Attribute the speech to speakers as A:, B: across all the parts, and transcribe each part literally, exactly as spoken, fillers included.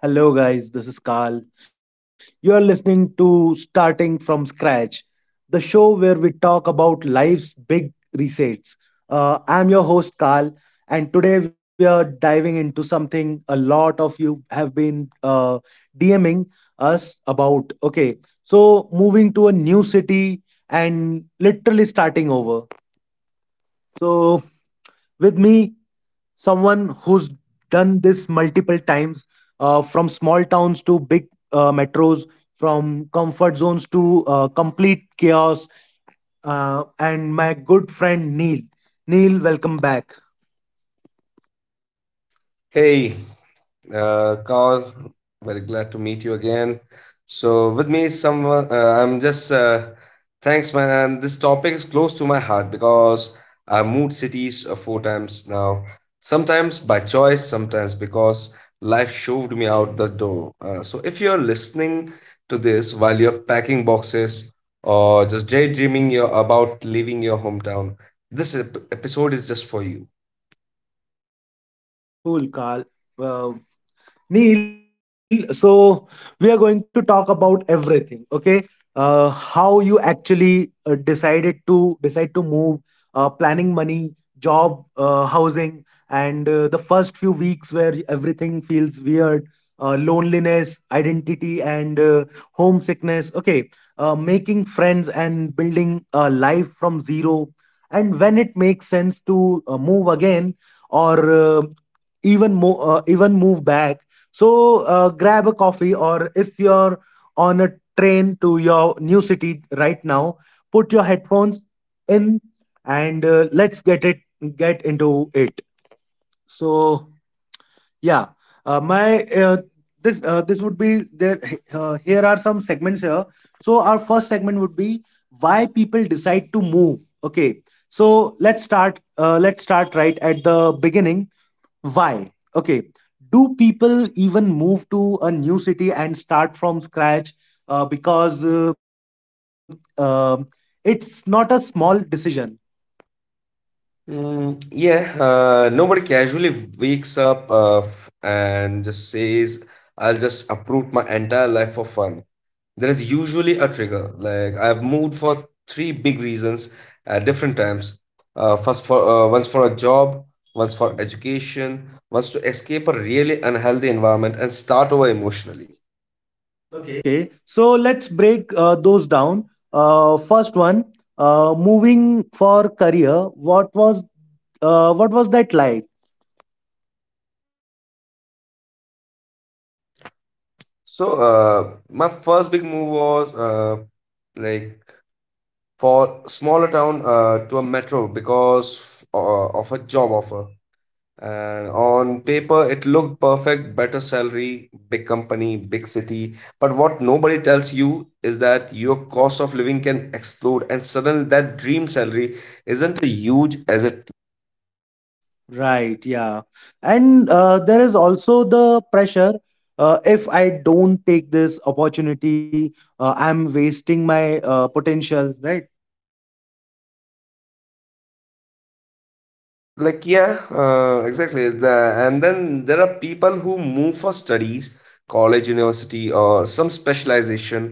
A: Hello guys, this is Carl. You are listening to Starting from Scratch, the show where we talk about life's big resets. Uh, I'm your host Carl, and today we are diving into something a lot of you have been uh, D M ing us about. Okay, so moving to a new city and literally starting over. So, with me, someone who's done this multiple times, uh, from small towns to big uh, metros, from comfort zones to uh, complete chaos, uh, and my good friend Neil. Neil, welcome back.
B: Hey, uh, Carl, very glad to meet you again. So, with me, is someone, uh, I'm just, uh, Thanks, man. And this topic is close to my heart because I moved cities uh, four times now, sometimes by choice, sometimes because life shoved me out the door. Uh, so, if you're listening to this while you're packing boxes or just daydreaming your, about leaving your hometown, this ep- episode is just for you.
A: Cool, Carl. Well, Neil, so we are going to talk about everything, okay? Uh, how you actually uh, decided to decide to move, uh, planning money, job, uh, housing, and uh, the first few weeks everything feels weird, uh, loneliness, identity, and uh, homesickness. Okay, uh, making friends and building a life from zero, and when it makes sense to uh, move again or uh, even more uh, even move back. So uh, grab a coffee, or if you're on a train to your new city right now, put your headphones in and uh, let's get it get into it. So yeah, uh, my uh, this uh, this would be there. Uh, here are some segments here. So our first segment would be why people decide to move. Okay, so let's start. Uh, let's start right at the beginning, why? Okay. Do people even move to a new city and start from scratch? Uh, because uh, uh, it's not a small decision.
B: Mm, yeah, uh, nobody casually wakes up uh, f- and just says, I'll just uproot my entire life for fun. There is usually a trigger. Like, I've moved for three big reasons at different times. Uh, first for uh, Once for a job, once for education, once to escape a really unhealthy environment and start over emotionally. Okay.
A: Okay. So let's break uh, those down. Uh, first one, uh, moving for career. What was uh, what was that like?
B: So, uh, my first big move was uh, like for smaller town uh, to a metro because uh, of a job offer. And on paper it looked perfect, better salary, big company, big city, but what nobody tells you is that your cost of living can explode and suddenly that dream salary isn't huge as it.
A: Right. Yeah. And uh, there is also the pressure. Uh, if I don't take this opportunity, uh, I'm wasting my uh, potential. Right.
B: Like yeah uh, exactly. The- and then there are people who move for studies, college, university, or some specialization.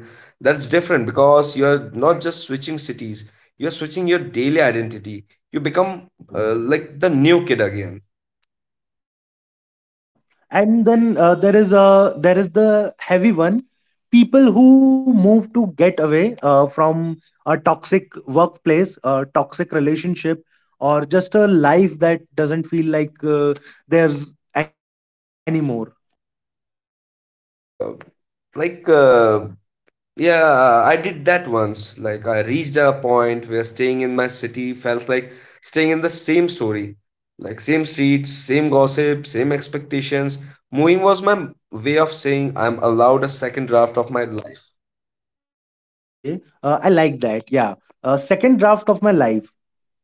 B: That's different because you're not just switching cities, you're switching your daily identity. You become uh, like the new kid again.
A: Yeah. And then uh, there is a there is the heavy one. People who move to get away uh, from a toxic workplace, a toxic relationship, or just a life that doesn't feel like uh, there's anymore.
B: uh, like uh, Yeah, I did that once. Like, I reached a point where staying in my city felt like staying in the same story. Like, same streets, same gossip, same expectations. Moving was my way of saying I'm allowed a second draft of my life.
A: Okay, uh, I like that. Yeah. Uh, second draft of my life.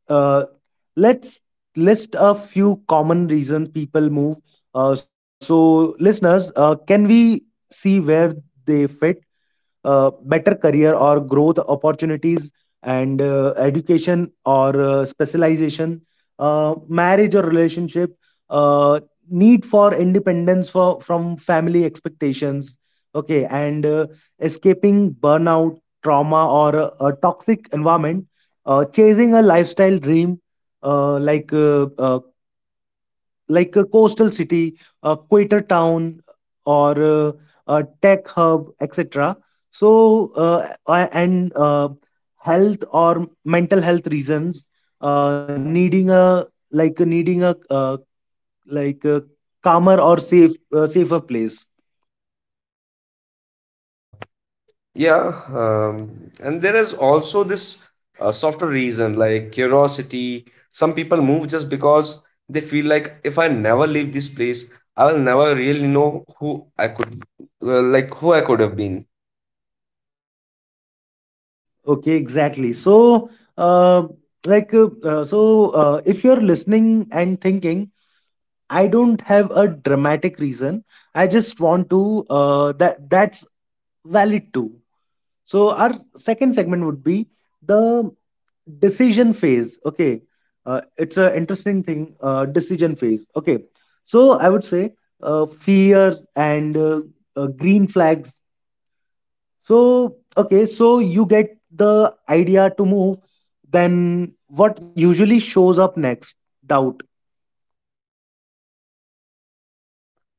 A: Uh, let's list a few common reasons people move. Uh, so listeners, uh, can we see where they fit? uh, better career or growth opportunities, and uh, education or uh, specialization, uh, marriage or relationship, uh, need for independence for from family expectations. Okay. And uh, escaping burnout, trauma, or a, a toxic environment, uh, chasing a lifestyle dream, uh, like uh, uh, like a coastal city, a quieter town, or uh, a tech hub, et cetera. So, uh, a- and uh, health or mental health reasons, uh, needing a like needing a uh, like a calmer or safe uh, safer place.
B: Uh, yeah, um, and there is also this uh, softer reason, like curiosity. Some people move just because they feel like if I never leave this place, I will never really know who I could, uh, like, who I could have been.
A: Okay, exactly. So, uh, like uh, uh, so, uh, if you're listening and thinking, I don't have a dramatic reason. I just want to. Uh, that that's valid too. So our second segment would be the decision phase. Okay, uh, it's an interesting thing. Uh, decision phase. Okay, so I would say uh, fear and uh, uh, green flags. So okay, so you get the idea to move. Then what usually shows up next? Doubt.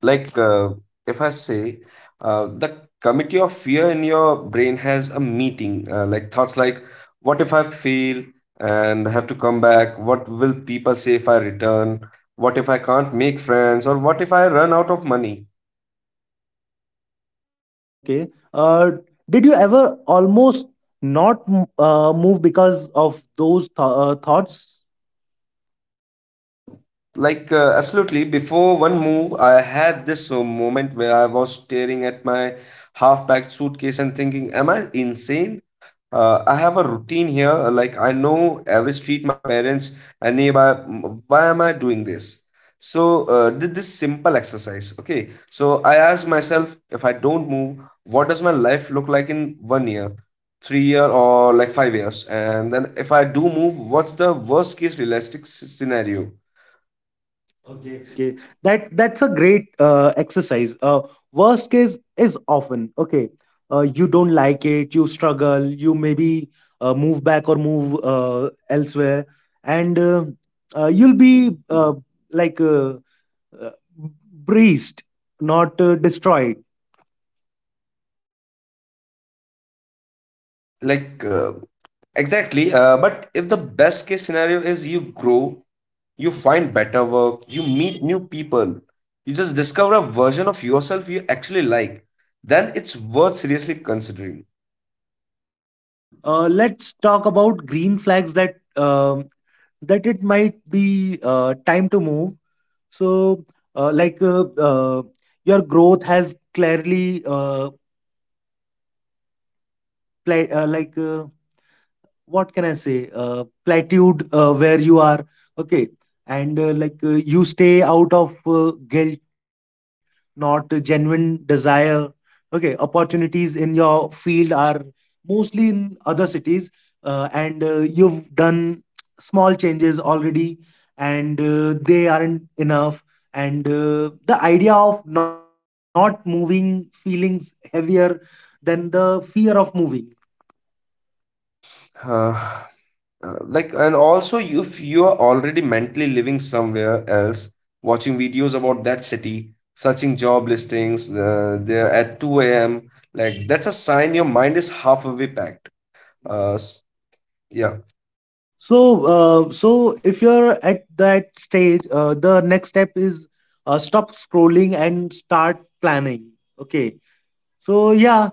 B: like uh, if I say uh, the committee of fear in your brain has a meeting, uh, like thoughts like, what if I fail and have to come back, what will people say if I return, what if I can't make friends, or what if I run out of money?
A: Okay. Uh, did you ever almost not m- uh, move because of those th- uh, thoughts?
B: uh, like uh, Absolutely. Before one move I had this uh, moment where I was staring at my half packed suitcase and thinking, am I insane? Uh, I have a routine here. uh, Like I know every street, my parents and nearby. m- Why am I doing this? So uh, did this simple exercise. Okay. So I asked myself, if I don't move, what does my life look like in one year, three year, or like five years? And then if I do move, what's the worst case realistic s- scenario?
A: Okay, that that's a great uh, exercise. Uh, worst case is often okay. Uh, you don't like it, you struggle, you maybe uh, move back or move uh, elsewhere, and uh, uh, you'll be uh, like uh, uh, breezed, not uh, destroyed.
B: like uh, exactly. Uh, but if the best case scenario is you grow. You find better work, you meet new people, you just discover a version of yourself you actually like, then it's worth seriously considering.
A: Uh, let's talk about green flags that um, that it might be uh, time to move. So, uh, like uh, uh, your growth has clearly uh, play, uh, like uh, what can I say, uh, platitude uh, where you are. Okay. And uh, like uh, you stay out of uh, guilt, not genuine desire. Okay. Opportunities in your field are mostly in other cities, uh, and uh, you've done small changes already, and uh, they aren't enough. And uh, the idea of not moving feelings heavier than the fear of moving.
B: Uh, uh, like, and also, if you are already mentally living somewhere else, watching videos about that city, searching job listings uh, there at two a m, like that's a sign your mind is half away packed. Uh, s- yeah.
A: So, uh, so if you're at that stage, uh, the next step is uh, stop scrolling and start planning. Okay. So, yeah,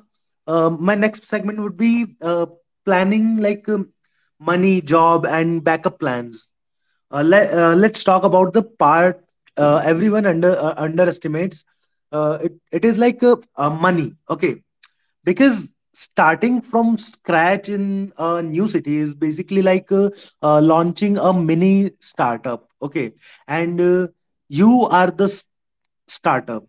A: um, my next segment would be uh, planning, like um, money, job, and backup plans. Uh, let, uh, let's talk about the part uh, everyone under uh, underestimates. Uh, it, it is like uh, uh, money. Okay, because starting from scratch in a new city is basically like uh, uh, launching a mini startup. Okay. And uh, you are the s- startup.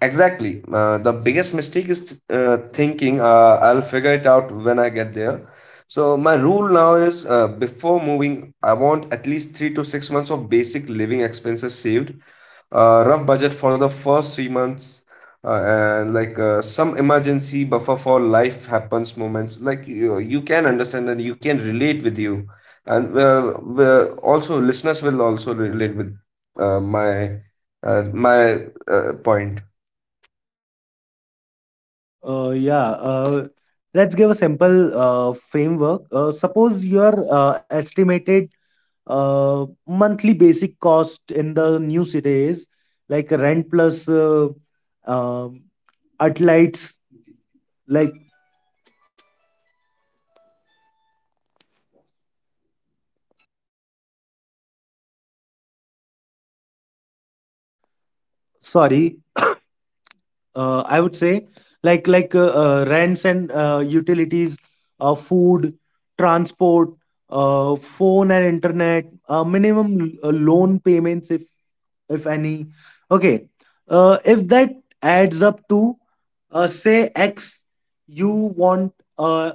B: Exactly. Uh, the biggest mistake is uh, thinking uh, I'll figure it out when I get there. So my rule now is, uh, before moving, I want at least three to six months of basic living expenses saved, uh, rough budget for the first three months, uh, and like uh, some emergency buffer for life happens moments. Like you, you can understand and you can relate with you, and uh, uh, also listeners will also relate with uh, my uh, my uh, point.
A: uh, Yeah. Uh, let's give a simple uh, framework. Uh, suppose your uh, estimated uh, monthly basic cost in the new city is like rent plus uh, um, outlights, like sorry, uh, I would say, like like uh, uh, rents and uh, utilities, uh, food, transport, uh, phone and internet, uh, minimum l- uh, loan payments if if any. Okay, uh, if that adds up to uh, say X, you want uh,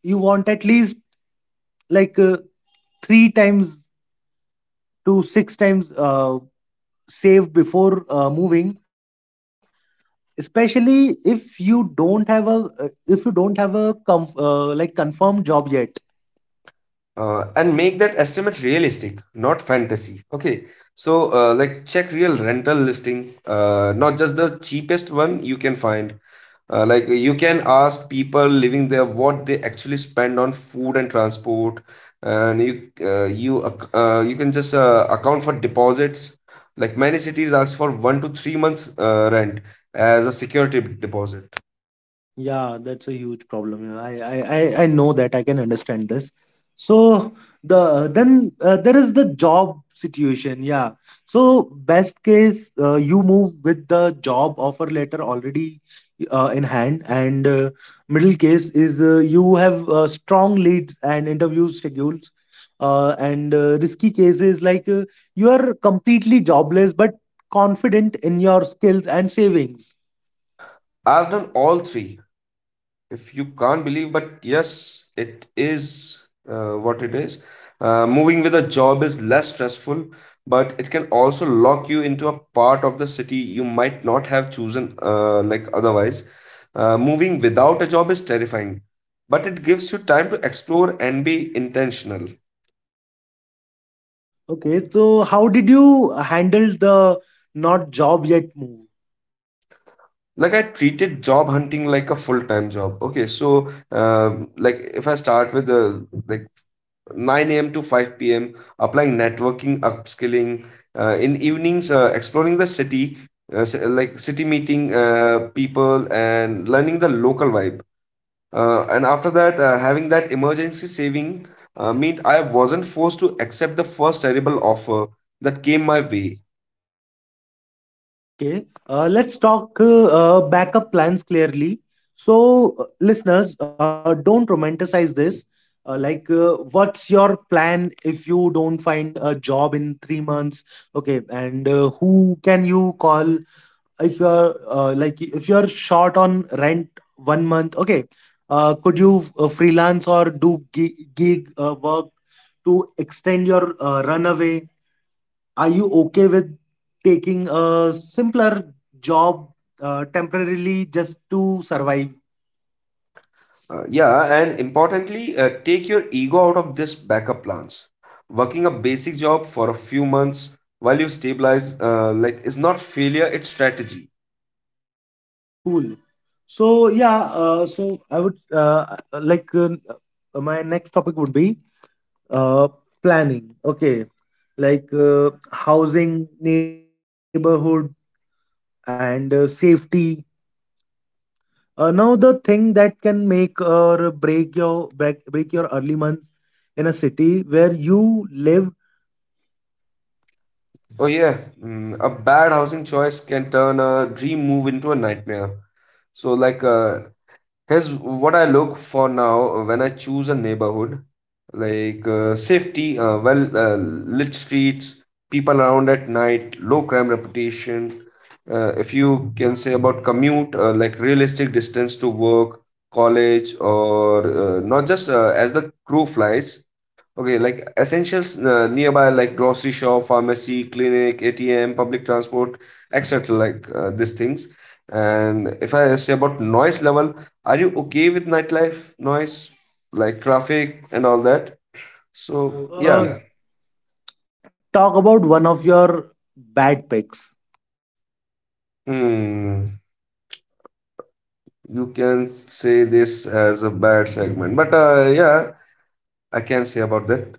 A: you want at least like uh, three times to six times uh, save before uh, moving, especially if you don't have a uh, if you don't have a com- uh, like confirmed job yet.
B: uh, And make that estimate realistic, not fantasy. Okay, so uh, like check real rental listing, uh, not just the cheapest one you can find. Uh, like, you can ask people living there what they actually spend on food and transport. And you uh, you ac- uh, you can just uh, account for deposits. Like many cities ask for one to three months uh, rent as a security deposit.
A: Yeah, that's a huge problem. you know. I, I, I I know that. I can understand this. So, the then uh, there is the job situation. Yeah. So best case, uh, you move with the job offer letter already uh, in hand, and uh, middle case is uh, you have uh, strong leads and interview schedules. Uh, and uh, risky cases, like uh, you are completely jobless but confident in your skills and savings.
B: I've done all three. If you can't believe, but yes, it is uh, what it is. Uh, moving with a job is less stressful, but it can also lock you into a part of the city you might not have chosen uh, like otherwise. Uh, moving without a job is terrifying, but it gives you time to explore and be intentional.
A: Okay, so how did you handle the not job yet move?
B: like I treated job hunting like a full-time job. Okay, so uh, like if I start with the like nine a m to five p m, applying, networking, upskilling. Uh, in evenings, uh, exploring the city, uh, ci- like city, meeting uh, people and learning the local vibe. Uh, and after that, uh, having that emergency saving uh, meant I wasn't forced to accept the first terrible offer that came my way.
A: Okay, uh, let's talk uh, uh, backup plans clearly. So, uh, listeners, uh, don't romanticize this. Uh, like, uh, what's your plan if you don't find a job in three months? Okay, and uh, who can you call if you are uh, like if you are short on rent one month? Okay. Uh, could you uh, freelance or do gig, gig uh, work to extend your uh, runaway? Are you okay with taking a simpler job uh, temporarily, just to survive?
B: Uh, yeah, and importantly, uh, take your ego out of this backup plans. Working a basic job for a few months while you stabilize, uh, like, is not failure; it's strategy.
A: Cool. So yeah, uh, so I would uh, uh, like uh, uh, my next topic would be uh, planning, okay, like uh, housing, neighborhood, and uh, safety. Uh, now the thing that can make or break your break, break your early months in a city where you live.
B: Oh yeah, mm, a bad housing choice can turn a dream move into a nightmare. So like, uh, Here's what I look for now when I choose a neighborhood, like uh, safety, uh, well uh, lit streets, people around at night, low crime reputation. Uh, if you can say about commute, uh, like realistic distance to work, college, or uh, not just uh, as the crow flies. Okay, like essentials uh, nearby, like grocery shop, pharmacy, clinic, A T M, public transport, et cetera. Like uh, these things. And if I say about noise level, are you okay with nightlife noise, like traffic and all that? So, well, yeah,
A: Uh, Talk about one of your bad picks.
B: hmm, you can say this as a bad segment, but uh, yeah, I can say about that.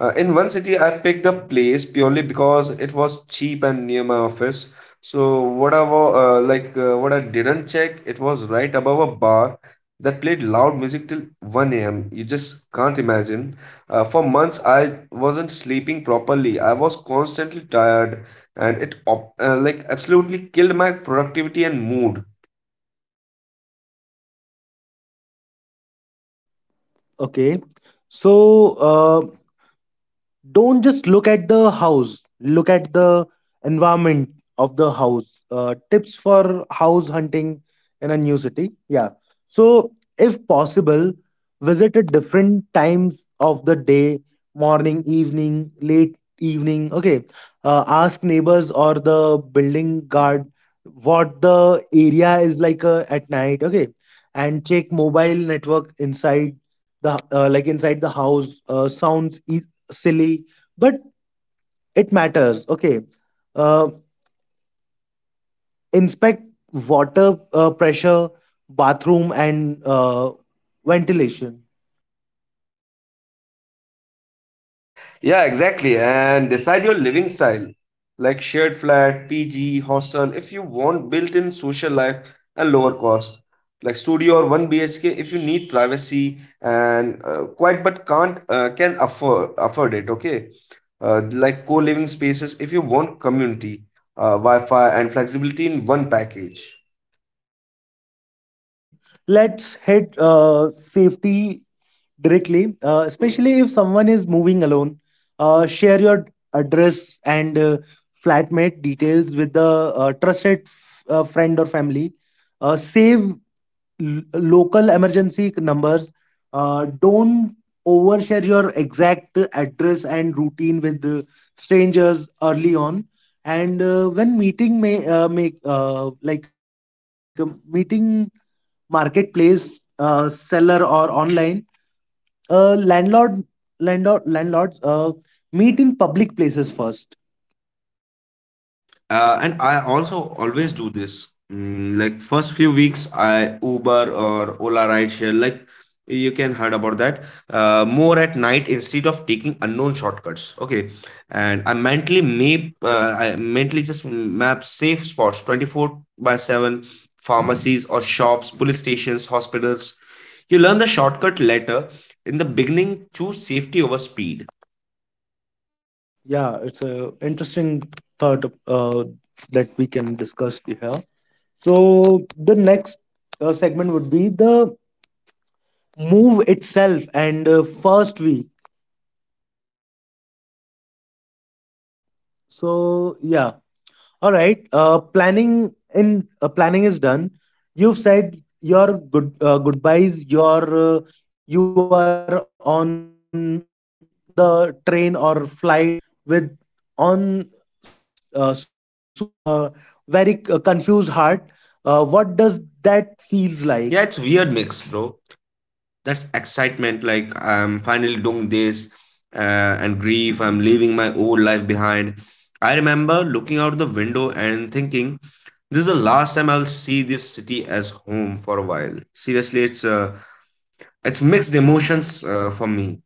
B: Uh, in one city, I picked a place purely because it was cheap and near my office. So what I wa- uh, like uh, what I didn't check, it was right above a bar that played loud music till one a m. You just can't imagine. Uh, for months, I wasn't sleeping properly. I was constantly tired, and it op- uh, like absolutely killed my productivity and mood.
A: Okay, so uh, don't just look at the house, look at the environment of the house. Uh, tips for house hunting in a new city. Yeah. So if possible, visit at different times of the day, morning, evening, late evening. Okay. Uh, ask neighbors or the building guard what the area is like uh, at night. Okay. And check mobile network inside the, uh, like inside the house. Uh, sounds e- silly, but it matters. Okay. Uh, Inspect water uh, pressure, bathroom, and uh, ventilation.
B: Yeah, exactly. And decide your living style, like shared flat, P G, hostel, if you want built in social life and lower cost, like studio or one B H K if you need privacy and uh, quiet but can't uh, can afford afford it, okay? Uh, like co living spaces if you want community, uh, Wi Fi, and flexibility in one package.
A: Okay. Let's hit uh, safety directly, uh, especially if someone is moving alone. Uh, share your address and uh, flatmate details with the uh, trusted f- uh, friend or family. Uh, save l- local emergency numbers. Uh, don't overshare your exact address and routine with uh, strangers early on. And uh, when meeting, may uh, make uh, like a meeting marketplace, uh, seller or online, uh, landlord landlord landlords, uh, meet in public places first.
B: Uh, and I also always do this. Mm, like first few weeks I Uber or Ola rideshare, like you can heard about that, uh, more at night instead of taking unknown shortcuts. Okay, and i mentally map uh, I mentally just map safe spots twenty-four by seven, pharmacies or shops, police stations, hospitals. You learn the shortcut later. In the beginning, choose safety over speed.
A: Yeah, it's a interesting thought uh, that we can discuss here. So the next uh, segment would be the move itself and uh, first week. So yeah. All right. Uh, planning in uh, planning is done. You've said your good uh, goodbyes. Your uh, you are on the train or flight with on s- uh, suitcase and uh, very c- confused heart. Uh, what does that feels like?
B: Yeah, it's weird mix, bro. That's excitement, like I'm finally doing this, uh, and grief, I'm leaving my old life behind. I remember looking out the window and thinking, this is the last time I'll see this city as home for a while. Seriously, it's uh, it's mixed emotions uh, for me.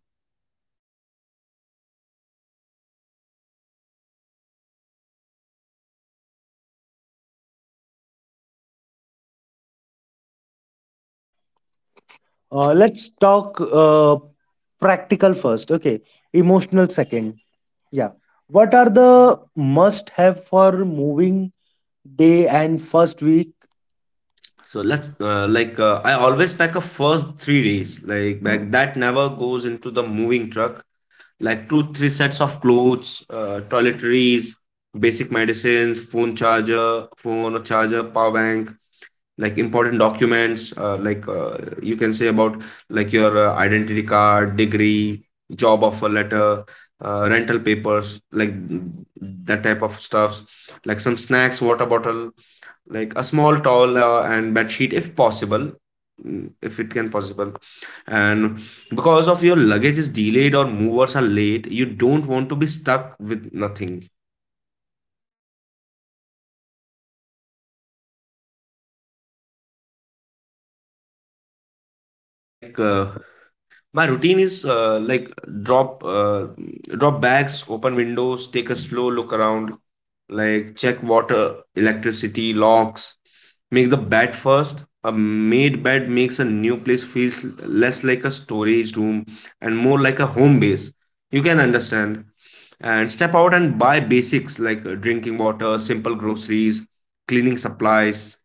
A: Uh, let's talk uh, practical first. Okay, emotional second. Yeah. What are the must have for moving day and first week?
B: So let's uh, like uh, I always pack a first three days like back that never goes into the moving truck, like two three sets of clothes, uh, toiletries, basic medicines, phone charger, phone charger power bank, like important documents, uh, like uh, you can say about like your uh, identity card, degree, job offer letter, uh, rental papers, like that type of stuffs, like some snacks, water bottle, like a small towel, uh, and bed sheet if possible. Mm, if it can possible. And because of your luggage is delayed or movers are late, you don't want to be stuck with nothing.
A: And uh, when you first reach your new place.
B: like uh, My routine is uh, like drop uh, drop bags, open windows, take a slow look around, like check water, electricity, locks, make the bed first. A made bed makes a new place feels less like a storage room and more like a home base. You can understand. And step out and buy basics like uh, drinking water, simple groceries, cleaning supplies,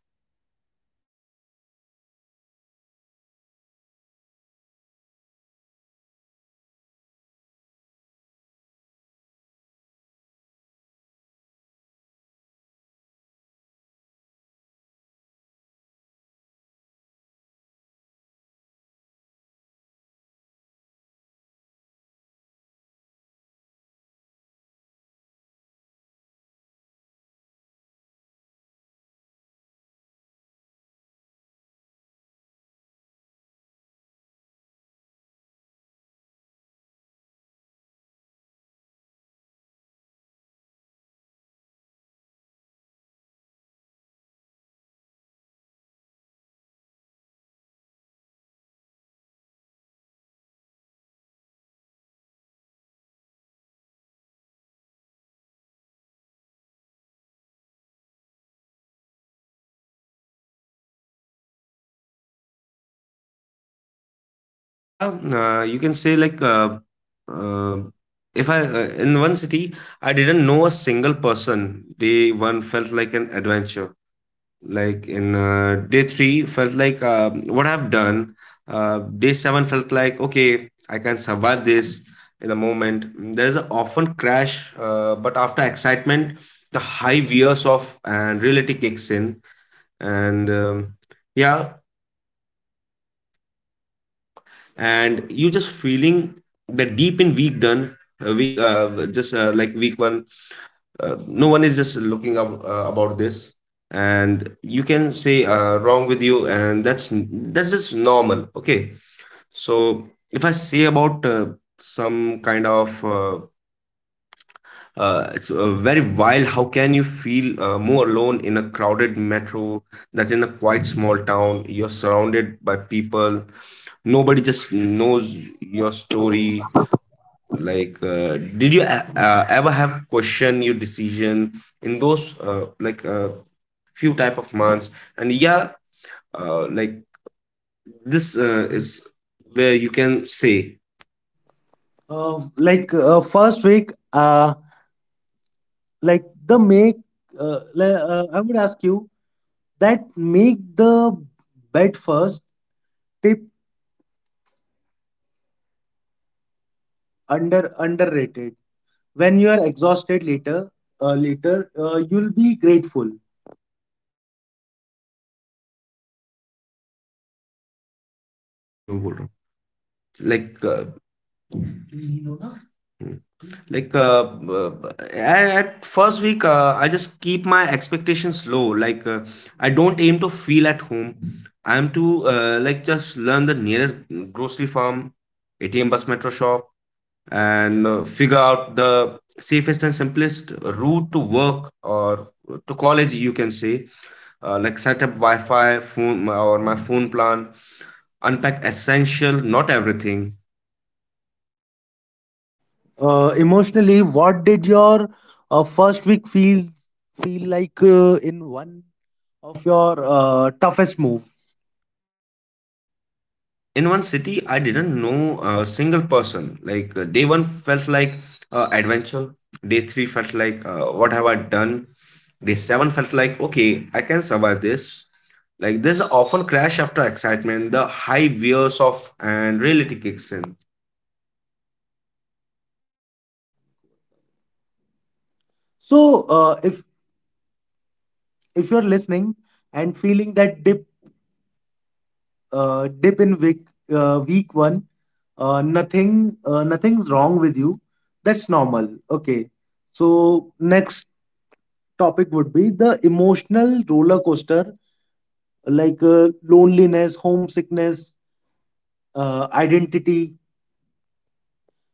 B: like yeah, uh, you can say like, uh, uh, if I uh, in one city I didn't know a single person. Day one felt like an adventure. Like in uh, day three felt like uh, what I've done. Uh, day seven felt like okay I can survive this. In a moment there's a often crash, uh, but after excitement the high years of and reality kicks in. And um, yeah, and you just feeling that deep in week done. Uh, week, uh, just, uh, like week one. Uh, no one is just looking up uh, about this, and you can say uh, wrong with you, and that's that's just normal, okay. So if I say about uh, some kind of, uh, uh, it's uh, very wild how can you feel uh, more alone in a crowded metro that in a quite small town. You're surrounded by people, nobody just knows your story. Like, uh, did you a- uh, ever have question your decision in those, uh, like, uh, few type of months? And yeah, uh, like this uh, is where you can say
A: Uh, like uh, first week, uh, like the make, uh, le- uh, I would ask you that make the bed first. Tip under underrated. When you are exhausted later, uh, later uh, you'll be grateful.
B: ठीक है मैं बोल रहा हूँ like, uh, Hmm. Like, uh, uh, at at first week, uh, I just keep my expectations low, like uh, I don't aim to feel at home. I am to, uh, like, just learn the nearest grocery farm, A T M, bus, metro, shop, and uh, figure out the safest and simplest route to work or to college you can say. Uh, like, set up Wi-Fi phone my- or my phone plan. Unpack essential, not everything.
A: Uh, emotionally, what did your uh, first week feel feel like uh, in one of your uh, toughest move?
B: In one city I didn't know a single person. Like, uh, day one felt like uh, adventure. Day three felt like uh, what have I done. Day seven felt like okay I can survive this. Like this often crash after excitement, the high wears off and reality kicks in.
A: So uh, if if you're listening and feeling that dip uh, dip in week uh, week one. Uh, nothing uh, Nothing's wrong with you. That's normal. Okay. So next topic would be the emotional roller coaster, like uh, loneliness, homesickness, uh, identity.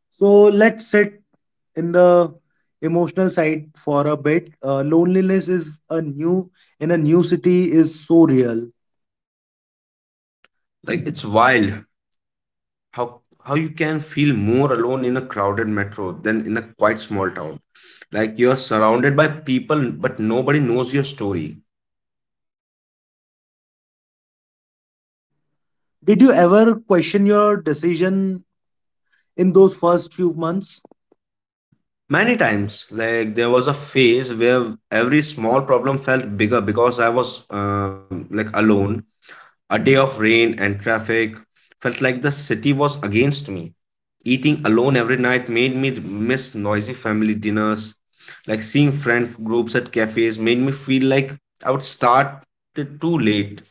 A: So let's sit in the emotional side for a bit. Uh, loneliness is a new in a new city is so real.
B: Like it's wild how how you can feel more alone in a crowded metro than in a quite small town. Like you're surrounded by people but nobody knows your story.
A: Did you ever question your decision in those first few months?
B: Many times, like there was a phase where every small problem felt bigger because I was um, like alone. A day of rain and traffic felt like the city was against me. Eating alone every night made me miss noisy family dinners. Like seeing friend groups at cafes made me feel like I would start it too late.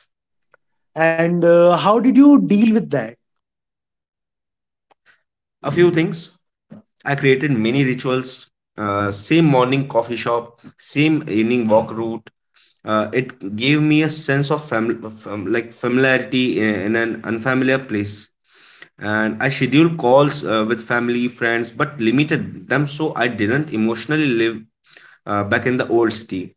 A: And uh, how did you deal with that?
B: A few things I created many rituals. Uh, same morning coffee shop, same evening walk route, uh, it gave me a sense of fam- fam- like familiarity in an unfamiliar place. And I scheduled calls uh, with family friends but limited them so I didn't emotionally live uh, back in the old city.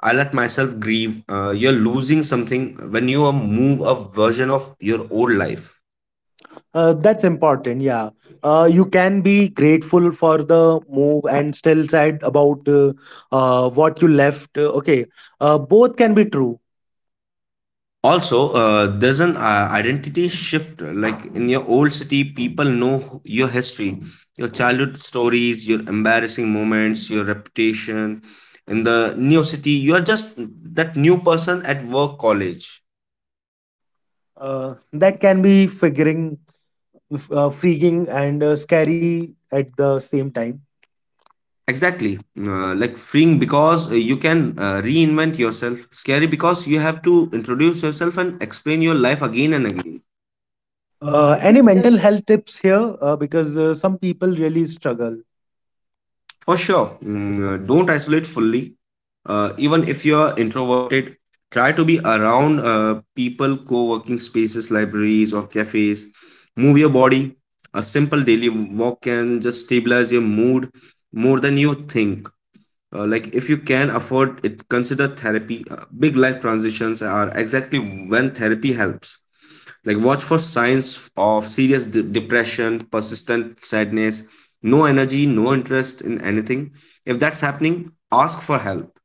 B: I let myself grieve, uh, you're losing something when you uh, move, a version of your old life.
A: uh, That's important. Yeah. Uh, you can be grateful for the move and still sad about uh, uh, what you left. Uh, okay. Uh, both can be true.
B: Also, uh, there's an uh, identity shift, like in your old city people know who- your history, your childhood stories, your embarrassing moments, your reputation. In the new city you are just that new person at work, college.
A: Uh, that can be figuring f- uh, freaking and uh, scary at the same time.
B: Exactly, uh, like freeing because uh, you can uh, reinvent yourself, scary because you have to introduce yourself and explain your life again and
A: Uh, any
B: again.
A: mental health tips here, uh, because uh, some people really struggle?
B: For sure, mm, uh, don't isolate fully. Uh, even if you are introverted, try to be around uh, people, co working spaces, libraries, or cafes. Move your body. A simple daily walk can just stabilize your mood more than you think. Uh, like, if you can afford it, consider therapy. Uh, big life transitions are exactly when therapy helps. Like watch for signs of serious de- depression, persistent sadness, no energy, no interest in anything. If that's happening, ask for help.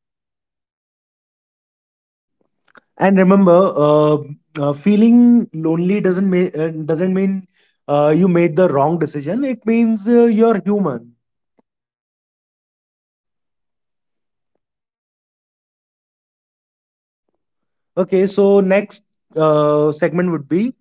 A: And remember, uh, uh, feeling lonely doesn't ma- uh, doesn't mean uh, you made the wrong decision. It means uh, you're human. Okay, so next uh, segment would be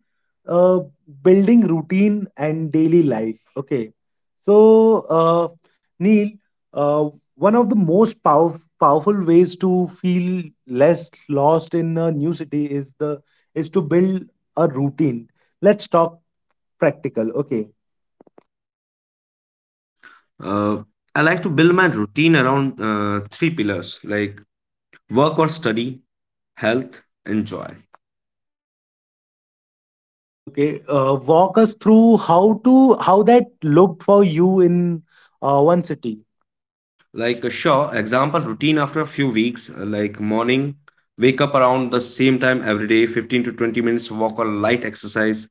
A: uh, building routine and daily life. Okay, so uh, Neil, uh, one of the most pow- powerful ways to feel less lost in a new city is the is to build a routine. Let's talk practical. Okay.
B: uh, I like to build my routine around uh, three pillars, like work or study, health, and joy.
A: Okay, uh, walk us through how to how that looked for you in uh, one city.
B: Like a sure example routine after a few weeks, uh, like morning wake up around the same time every day, fifteen to twenty minutes walk or light exercise.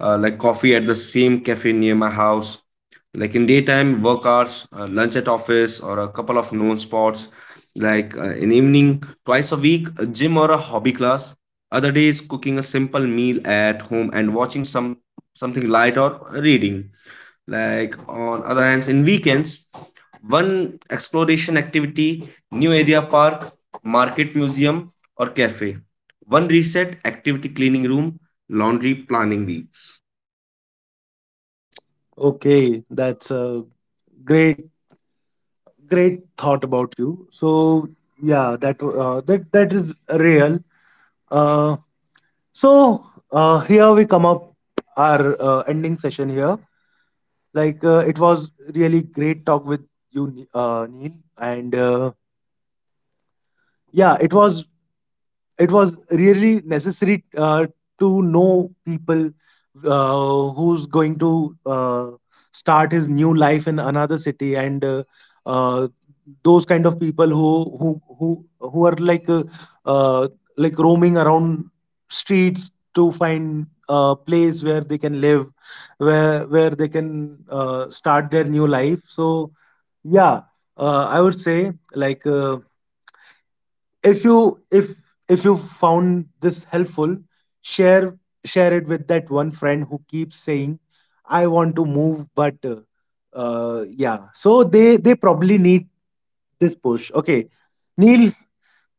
B: uh, Like coffee at the same cafe near my house. Like in daytime, work hours, uh, lunch at office, or a couple of known spots. Like uh, in evening, twice a week, a gym or a hobby class. Other days, cooking a simple meal at home and watching some something light or reading. Like on other hands, in weekends, one exploration activity, new area park, market museum, or cafe. One reset activity, cleaning room, laundry planning weeks.
A: Okay, that's a great great thought about you. So yeah, that uh, that that is real. Uh, so uh, Here we come up our uh, ending session here. Like uh, it was really great talk with you, Ne- uh, Neil, and uh, yeah, it was it was really necessary uh, to know people uh, who's going to uh, start his new life in another city, and uh, uh, those kind of people who who who who are like uh, uh, like roaming around streets to find a place where they can live, where where they can uh, start their new life. So yeah, uh, I would say, like, uh, if you if if you found this helpful, share share it with that one friend who keeps saying, I want to move, but uh, uh yeah, so they they probably need this push. Okay. Neil,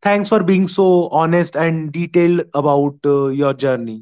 A: thanks for being so honest and detailed about uh, your journey.